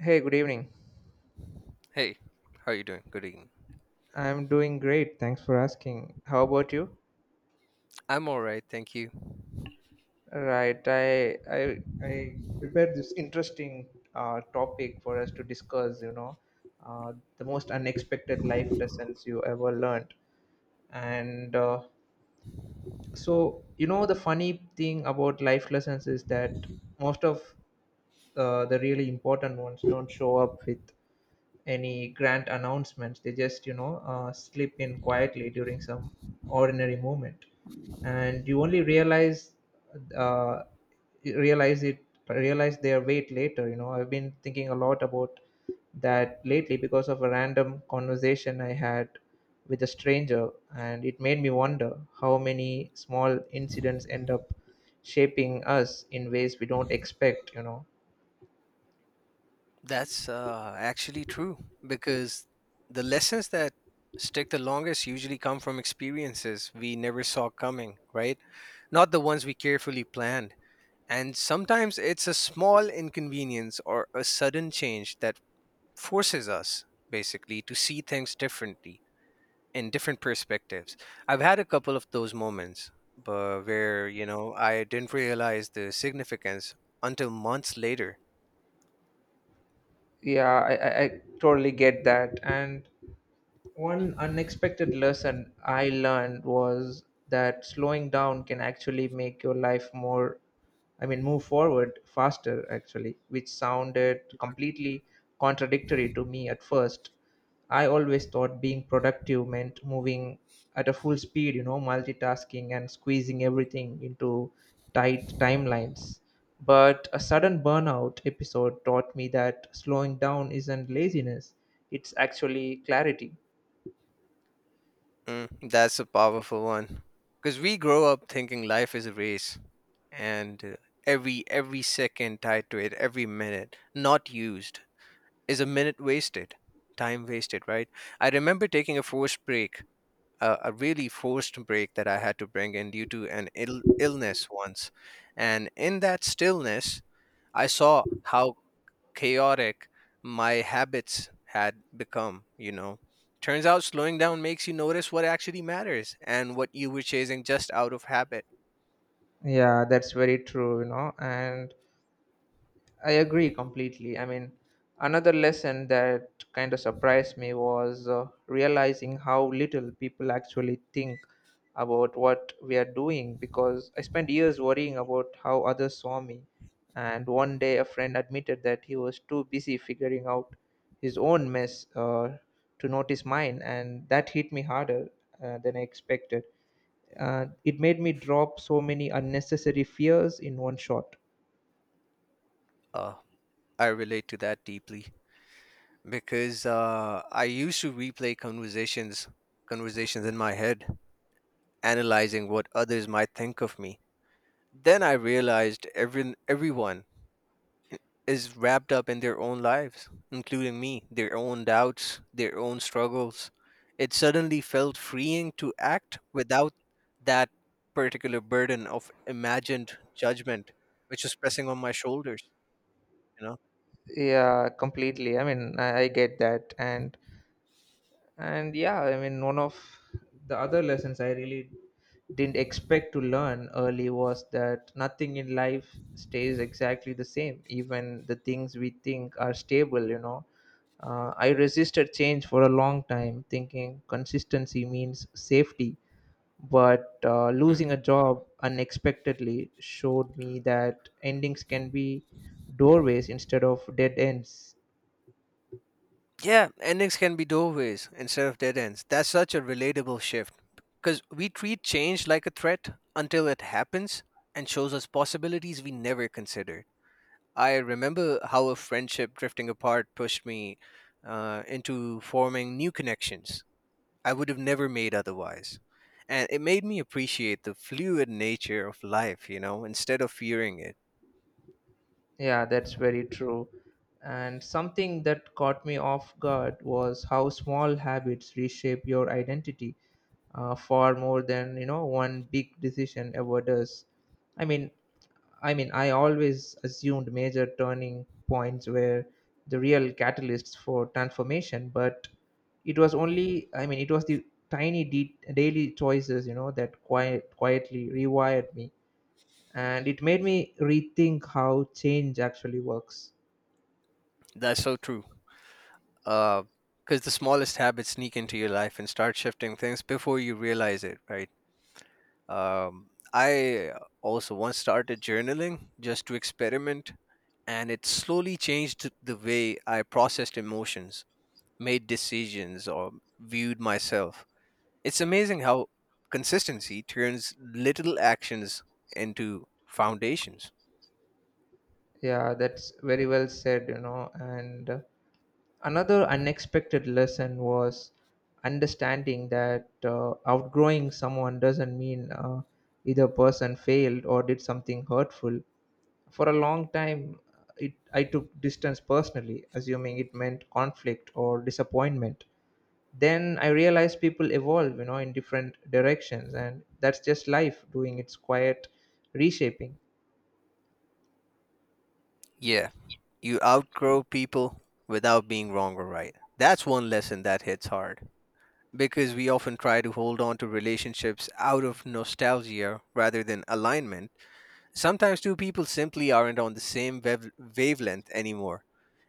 Hey, good evening. Hey, how are you doing? Good evening. I'm doing great. Thanks for asking. How about you? I'm all right, thank you. Right. I prepared this interesting topic for us to discuss. Uh, the most unexpected life lessons you ever learned. And so, you know, The funny thing about life lessons is that most of the really important ones don't show up with any grand announcements. They just, slip in quietly during some ordinary moment, and you only uh, realize it realize their weight later. You know, I've been thinking a lot about that lately because of a random conversation I had with a stranger, and it made me wonder how many small incidents end up shaping us in ways we don't expect. That's actually true because the lessons that stick the longest usually come from experiences we never saw coming, right? Not the ones we carefully planned. And sometimes it's a small inconvenience or a sudden change that forces us basically to see things differently and different perspectives. I've had a couple of those moments but where, you know, I didn't realize the significance until months later. Yeah, I totally get that. And One unexpected lesson I learned was that slowing down can actually make your life move forward faster, actually, which sounded completely contradictory to me at first. I always thought being productive meant moving at a full speed, you know, multitasking and squeezing everything into tight timelines. But a sudden burnout episode taught me that slowing down isn't laziness, it's actually clarity. Mm, that's a powerful one. Because we grow up thinking life is a race and every second tied to it, every minute not used is a minute wasted, time wasted, right? I remember taking a forced break a really forced break that I had to bring in due to an illness once. And in that stillness, I saw how chaotic my habits had become, you know. Turns out slowing down makes you notice what actually matters and what you were chasing just out of habit. Yeah, that's very true, you know, and I agree completely. I mean, another lesson that kind of surprised me was realizing how little people actually think about what we are doing, because I spent years worrying about how others saw me. And one day a friend admitted that he was too busy figuring out his own mess, to notice mine, and that hit me harder than I expected. It made me drop so many unnecessary fears in one shot. Uh, I relate to that deeply because I used to replay conversations in my head, analyzing what others might think of me. Then I realized everyone is wrapped up in their own lives, including me, their own doubts, their own struggles. It suddenly felt freeing to act without that particular burden of imagined judgment, which was pressing on my shoulders, you know? Yeah, completely. I mean, I get that. And and yeah, I mean, one of the other lessons I really didn't expect to learn early was that nothing in life stays exactly the same, even the things we think are stable, you know. I resisted change for a long time, thinking consistency means safety. But losing a Mm. job unexpectedly showed me that endings can be doorways instead of dead ends. Yeah, endings can be doorways instead of dead ends. That's such a relatable shift because we treat change like a threat until it happens and shows us possibilities we never considered. I remember how a friendship drifting apart pushed me into forming new connections I would have never made otherwise. And it made me appreciate the fluid nature of life, you know, instead of fearing it. Yeah, that's very true. And something that caught me off guard was how small habits reshape your identity far more than, you know, one big decision ever does. i mean I always assumed major turning points were the real catalysts for transformation, but it was only, I mean, it was the daily choices, you know, that quietly rewired me. And it made me rethink how change actually works. That's so true. Because the smallest habits sneak into your life and start shifting things before you realize it, right? Um, I also once started journaling just to experiment, and it slowly changed the way I processed emotions, made decisions, or viewed myself. It's amazing how consistency turns little actions into foundations. Yeah, that's very well said, you know. And Another unexpected lesson was understanding that outgrowing someone doesn't mean either person failed or did something hurtful. For a long time, I took distance personally, assuming it meant conflict or disappointment. Then I realized people evolve, you know, in different directions, and that's just life doing its quiet reshaping. Yeah, you outgrow people without being wrong or right. That's one lesson that hits hard because we often try to hold on to relationships out of nostalgia rather than alignment. Sometimes two people simply aren't on the same wavelength anymore,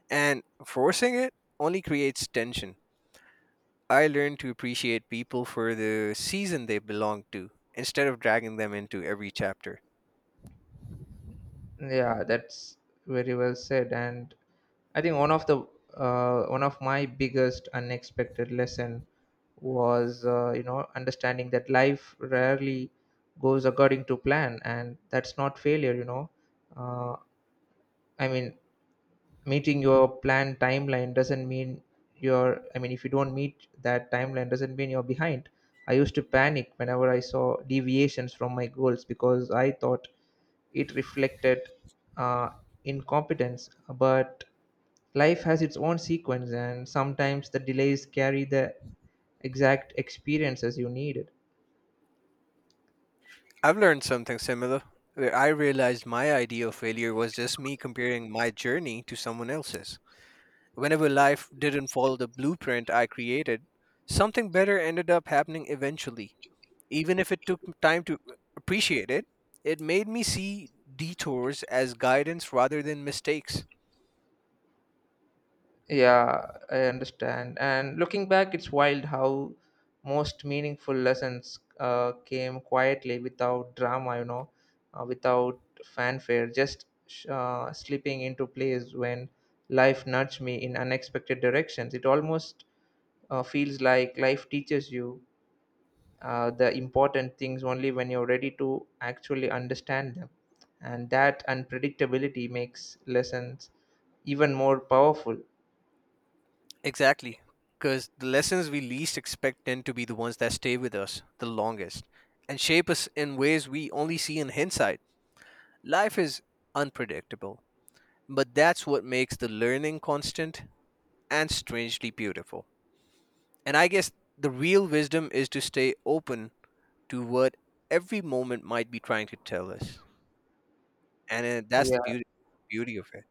and forcing it only creates tension. I learned to appreciate people for the season they belong to instead of dragging them into every chapter. Yeah, that's very well said. And I think one of my biggest unexpected lesson was, you know, understanding that life rarely goes according to plan, and that's not failure. You know, uh, I mean meeting your planned timeline doesn't mean you're I mean if you don't meet that timeline doesn't mean you're behind. I used to panic whenever I saw deviations from my goals because I thought it reflected uh, incompetence, but life has its own sequence, and sometimes the delays carry the exact experiences you needed. I've learned something similar where I realized my idea of failure was just me comparing my journey to someone else's. Whenever life didn't follow the blueprint I created, something better ended up happening eventually. Even if it took time to appreciate it, it made me see detours as guidance rather than mistakes. Yeah, I understand. And looking back, it's wild how most meaningful lessons came quietly without drama, you know, without fanfare, just slipping into place when life nudged me in unexpected directions. It almost feels like life teaches you the important things only when you're ready to actually understand them. And that unpredictability makes lessons even more powerful. Exactly. Because the lessons we least expect tend to be the ones that stay with us the longest and shape us in ways we only see in hindsight. Life is unpredictable, but that's what makes the learning constant and strangely beautiful. And I guess the real wisdom is to stay open to what every moment might be trying to tell us. And that's the beauty of it.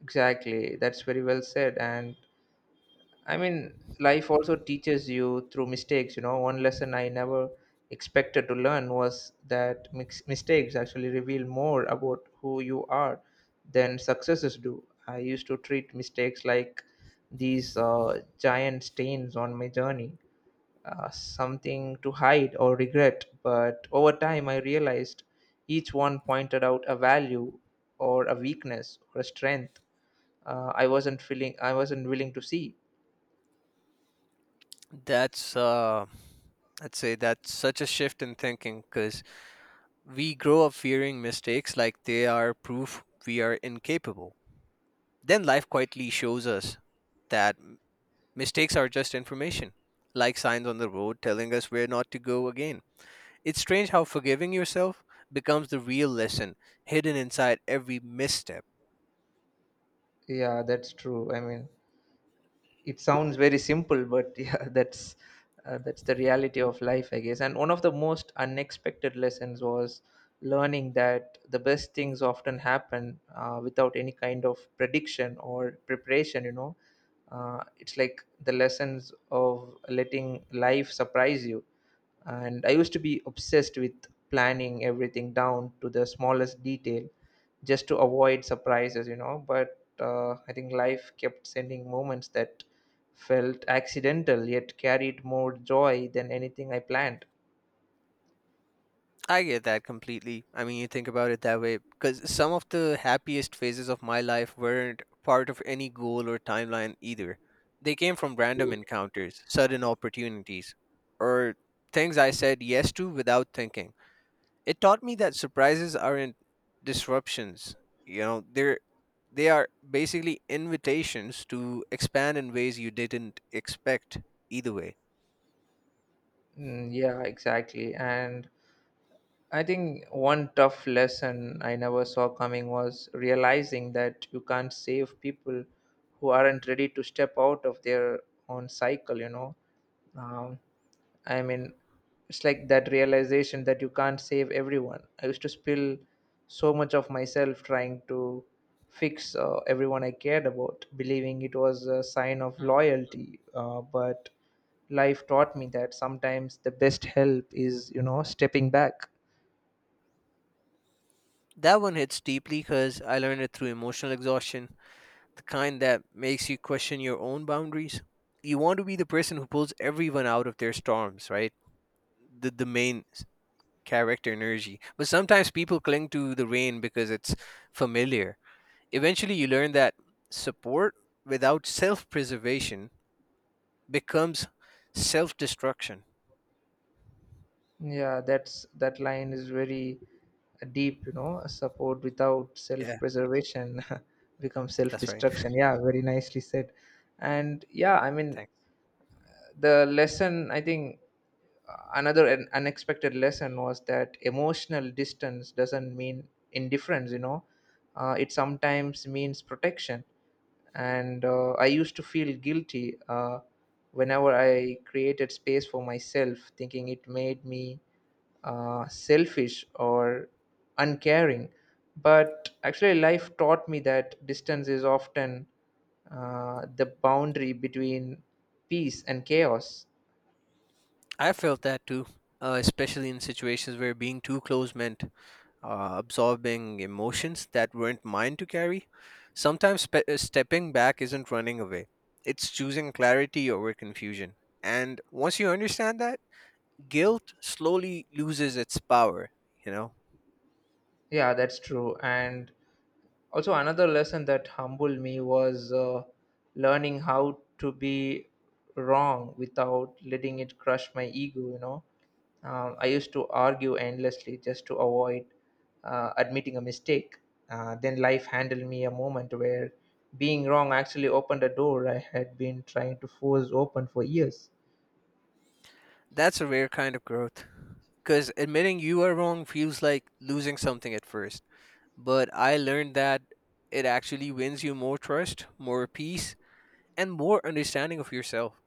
Exactly. That's very well said. And I mean, life also teaches you through mistakes. You know, one lesson I never expected to learn was that mistakes actually reveal more about who you are than successes do. I used to treat mistakes like these giant stains on my journey, something to hide or regret. But over time, I realized each one pointed out a value or a weakness or a strength I wasn't willing to see. That's I'd say that's such a shift in thinking because we grow up fearing mistakes like they are proof we are incapable. Then life quietly shows us that mistakes are just information, like signs on the road telling us where not to go again. It's strange how forgiving yourself becomes the real lesson hidden inside every misstep. Yeah, that's true. I mean, it sounds very simple, but yeah, that's the reality of life, I guess. And one of the most unexpected lessons was learning that the best things often happen without any kind of prediction or preparation. You know, it's like the lessons of letting life surprise you. And I used to be obsessed with planning everything down to the smallest detail just to avoid surprises, you know. But I think life kept sending moments that felt accidental yet carried more joy than anything I planned. I get that completely. I mean, you think about it that way because some of the happiest phases of my life weren't part of any goal or timeline either. They came from random encounters, sudden opportunities, or things I said yes to without thinking. It taught me that surprises aren't disruptions. You know, they are basically invitations to expand in ways you didn't expect either way. Mm, yeah, exactly. And I think one tough lesson I never saw coming was realizing that you can't save people who aren't ready to step out of their own cycle, you know. Um, I mean, it's like that realization that you can't save everyone. I used to spill so much of myself trying to fix everyone I cared about, believing it was a sign of Mm. loyalty. But life taught me that sometimes the best help is, you know, stepping back. That one hits deeply because I learned it through emotional exhaustion, the kind that makes you question your own boundaries. You want to be the person who pulls everyone out of their storms, right? The main character energy. But sometimes people cling to the rain because it's familiar. Eventually, you learn that support without self preservation becomes self destruction. Yeah, that's that line is very deep, you know. Support without self Yeah, preservation becomes self that's right. destruction. Yeah, very nicely said. And yeah, I mean, Thanks. the lesson I think another an unexpected lesson was that emotional distance doesn't mean indifference, you know. It sometimes means protection. And I used to feel guilty whenever I created space for myself, thinking it made me selfish or uncaring, but actually life taught me that distance is often the boundary between peace and chaos. I felt that too, especially in situations where being too close meant absorbing emotions that weren't mine to carry. Sometimes stepping back isn't running away, it's choosing clarity over confusion. And once you understand that, guilt slowly loses its power, you know? Yeah, that's true. And also another lesson that humbled me was learning how to be wrong without letting it crush my ego. You know, I used to argue endlessly just to avoid admitting a mistake. Then life handed me a moment where being wrong actually opened a door I had been trying to force open for years. That's a rare kind of growth. Because admitting you are wrong feels like losing something at first. But I learned that it actually wins you more trust, more peace, and more understanding of yourself.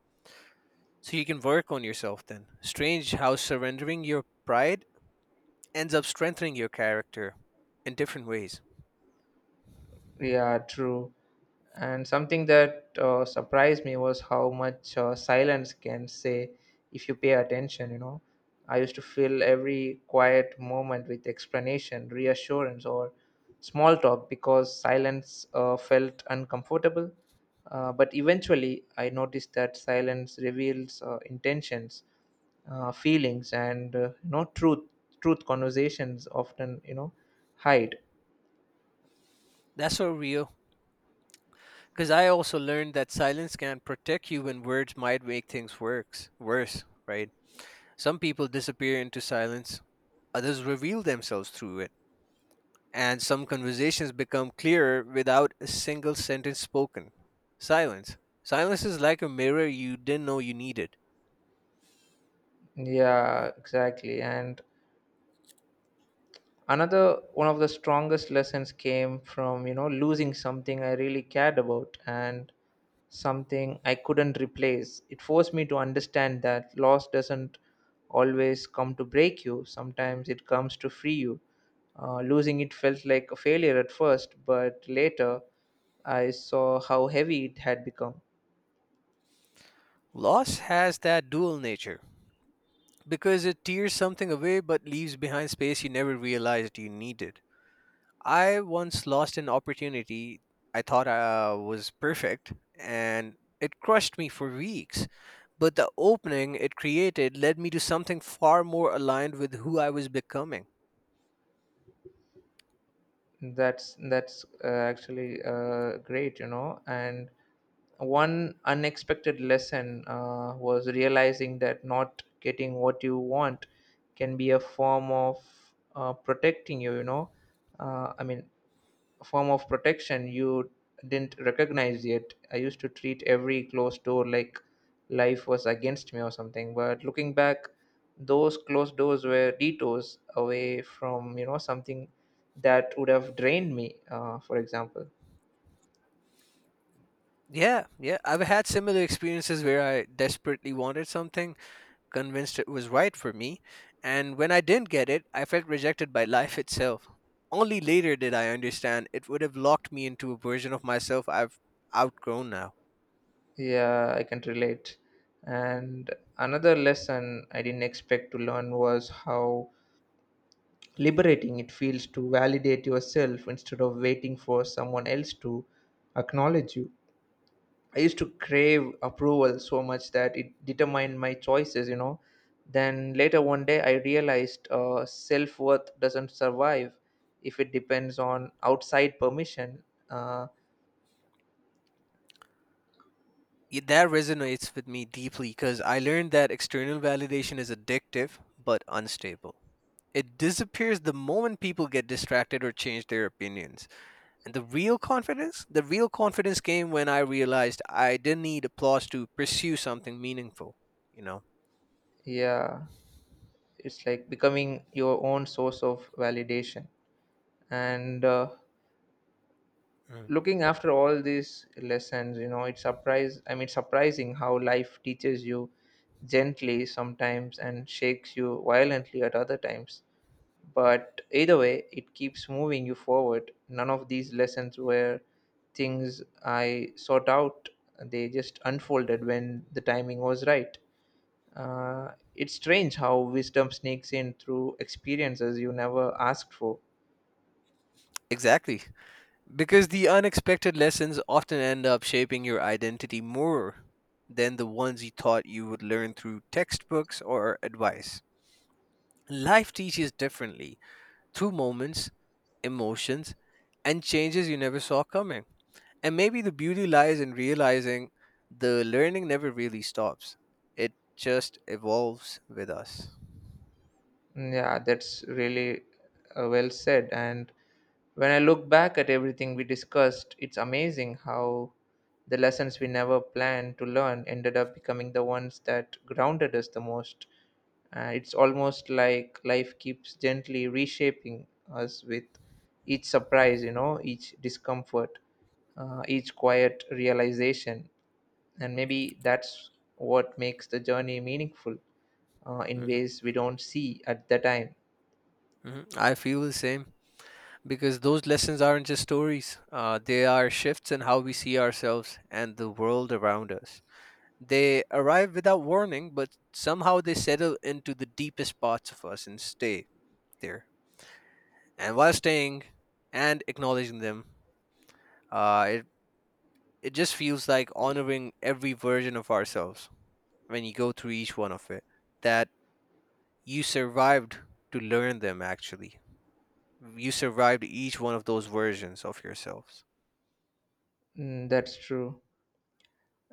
So you can work on yourself then. Strange how surrendering your pride ends up strengthening your character in different ways. Yeah, true. And something that surprised me was how much silence can say if you pay attention, you know. I used to fill every quiet moment with explanation, reassurance, or small talk because silence felt uncomfortable. But eventually, I noticed that silence reveals intentions, feelings, and, truth. Truth conversations often, you know, hide. That's so real. Because I also learned that silence can protect you when words might make things worse. Worse, right? Some people disappear into silence, others reveal themselves through it. And some conversations become clearer without a single sentence spoken. Silence. Silence is like a mirror you didn't know you needed. Yeah, exactly. And another one of the strongest lessons came from, you know, losing something I really cared about, and something I couldn't replace. It forced me to understand that loss doesn't always come to break you, sometimes it comes to free you. Losing it felt like a failure at first, but later I saw how heavy it had become. Loss has that dual nature because it tears something away but leaves behind space you never realized you needed. I once lost an opportunity I thought I was perfect, and it crushed me for weeks. But the opening it created led me to something far more aligned with who I was becoming. That's actually great, you know. And one unexpected lesson was realizing that not getting what you want can be a form of protecting you. You know, uh, I mean, form of protection you didn't recognize yet. I used to treat every closed door like life was against me or something. But looking back, those closed doors were detours away from, you know, something that would have drained me. For example, Yeah, I've had similar experiences where I desperately wanted something, convinced it was right for me, and when I didn't get it, I felt rejected by life itself. Only later did I understand it would have locked me into a version of myself I've outgrown now. yeah, I can relate. And another lesson I didn't expect to learn was how liberating it feels to validate yourself instead of waiting for someone else to acknowledge you. I used to crave approval so much that it determined my choices, you know. Then later one day, I realized self worth doesn't survive if it depends on outside permission. Uh, That resonates with me deeply because I learned that external validation is addictive but unstable. It disappears the moment people get distracted or change their opinions. And the real confidence? The real confidence came when I realized I didn't need applause to pursue something meaningful, you know? yeah, it's like becoming your own source of validation. And Mm. looking after all these lessons, you know, it's surprise. I mean, surprising how life teaches you gently sometimes and shakes you violently at other times. But either way, it keeps moving you forward. None of these lessons were things I sought out, they just unfolded when the timing was right. It's strange how wisdom sneaks in through experiences you never asked for. Exactly. Because the unexpected lessons often end up shaping your identity more than the ones you thought you would learn through textbooks or advice. Life teaches differently through moments, emotions, and changes you never saw coming. And maybe the beauty lies in realizing the learning never really stops, it just evolves with us. Mm, yeah, that's really well said. And when I look back at everything we discussed, it's amazing how the lessons we never planned to learn ended up becoming the ones that grounded us the most. It's almost like life keeps gently reshaping us with each surprise, you know, each discomfort, each quiet realization. And maybe that's what makes the journey meaningful in Hmm. ways we don't see at the time. Hmm, I feel the same, because those lessons aren't just stories. They are shifts in how we see ourselves and the world around us. They arrive without warning, but somehow they settle into the deepest parts of us and stay there. And while staying and acknowledging them, uh, it, it just feels like honoring every version of ourselves when you go through each one of it. That you survived to learn them, actually. You survived each one of those versions of yourselves. Mm, that's true.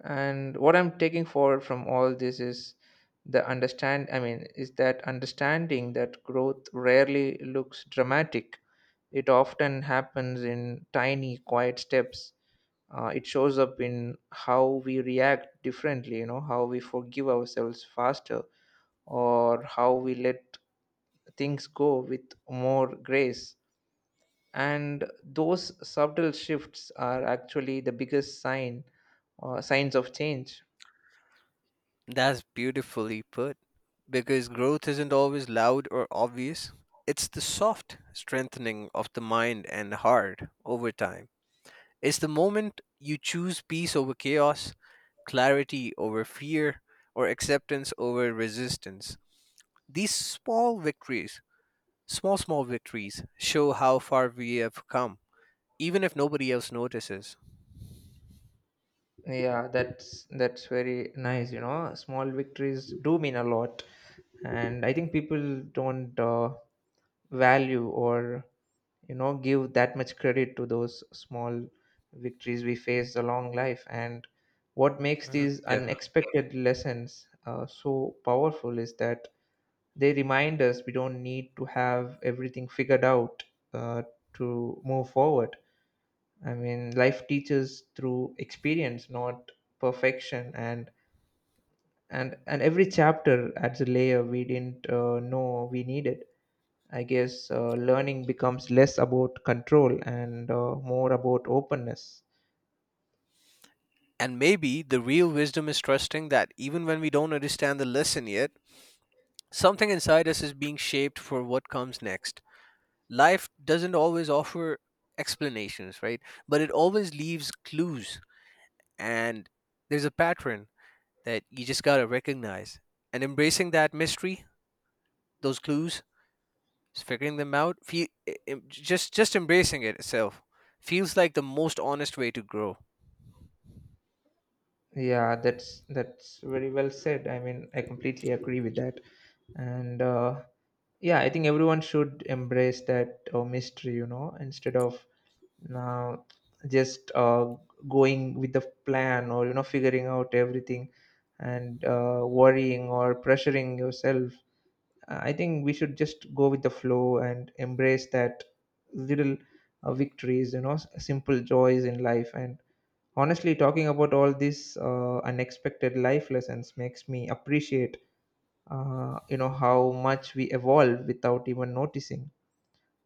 And what I'm taking forward from all this is the understand I mean is that understanding that growth rarely looks dramatic. It often happens in tiny quiet steps. It shows up in how we react differently, you know, how we forgive ourselves faster, or how we let things go with more grace. And those subtle shifts are actually the biggest signs of change. That's beautifully put. Because growth isn't always loud or obvious, it's the soft strengthening of the mind and heart over time. It's the moment you choose peace over chaos, clarity over fear, or acceptance over resistance. These small victories, small victories, show how far we have come, even if nobody else notices. Yeah, that's very nice, you know. Small victories do mean a lot. And I think people don't value or, you know, give that much credit to those small victories we face along life. And what makes Mhm. these Yeah. unexpected lessons so powerful is that they remind us we don't need to have everything figured out uh, to move forward. I mean, life teaches through experience, not perfection, and every chapter adds a layer we didn't know we needed. I guess learning becomes less about control and more about openness. And maybe the real wisdom is trusting that even when we don't understand the lesson yet, something inside us is being shaped for what comes next. Life doesn't always offer explanations, right? But it always leaves clues. And there's a pattern that you just got to recognize. And embracing that mystery, those clues, figuring them out, just embracing it itself feels like the most honest way to grow. Yeah, that's very well said. I mean, I completely agree with that. And Yeah, I think everyone should embrace that mystery, you know, instead of uh, just going with the plan or, you know, figuring out everything and worrying or pressuring yourself. I think we should just go with the flow and embrace that little victories, you know, simple joys in life. And honestly talking about all these unexpected life lessons makes me appreciate, you know, how much we evolve without even noticing.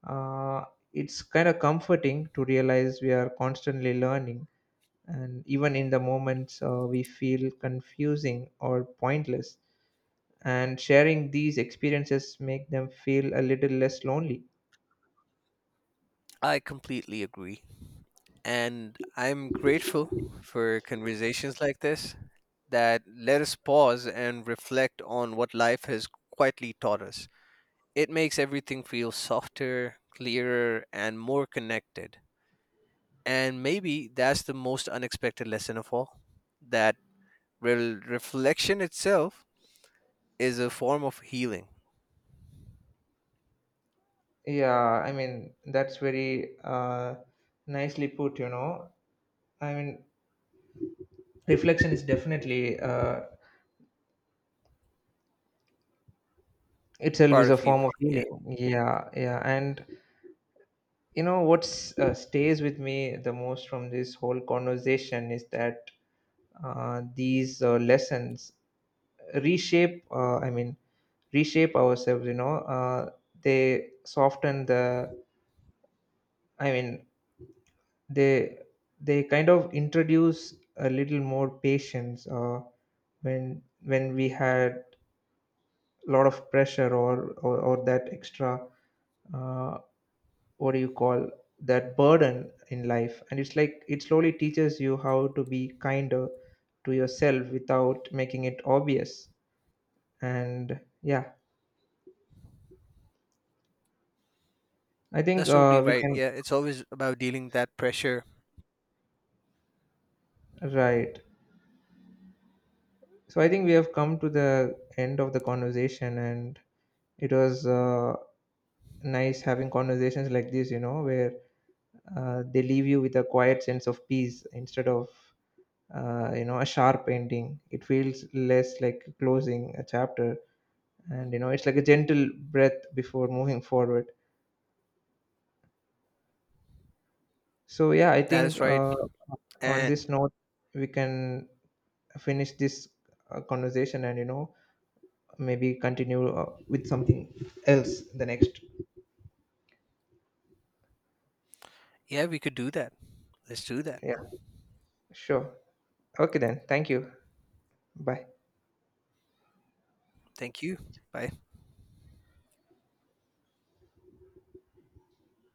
uh, it's kind of comforting to realize we are constantly learning, and even in the moments we feel confusing or pointless. And sharing these experiences make them feel a little less lonely. I completely agree. And I'm grateful for conversations like this that let us pause and reflect on what life has quietly taught us. It makes everything feel softer, clearer, and more connected. And maybe that's the most unexpected lesson of all, that reflection itself is a form of healing, Yeah, I mean, that's very nicely put, you know. I mean, reflection is definitely itself is part a of form healing. of Yeah, healing. Yeah, yeah. And you know what's stays with me the most from this whole conversation is that these lessons reshape. Reshape ourselves. You know, they soften I mean, they they kind of introduce a little more patience. When we had a lot of pressure or that extra uh, what do you call that burden in life, and it's like it slowly teaches you how to be kinder to yourself without making it obvious. And yeah, I think that's totally we right. can Yeah, it's always about dealing that pressure. right so I think we have come to the end of the conversation. And it was nice having conversations like this, you know, where they leave you with a quiet sense of peace instead of, you know, a sharp ending. It feels less like closing a chapter, and, you know, it's like a gentle breath before moving forward. So yeah, I That think is right. On And this note we can finish this conversation, and, you know, maybe continue with something else the next. yeah, we could do that. Let's do that. Yeah, sure. Okay, then, thank you. Bye. Thank you. Bye.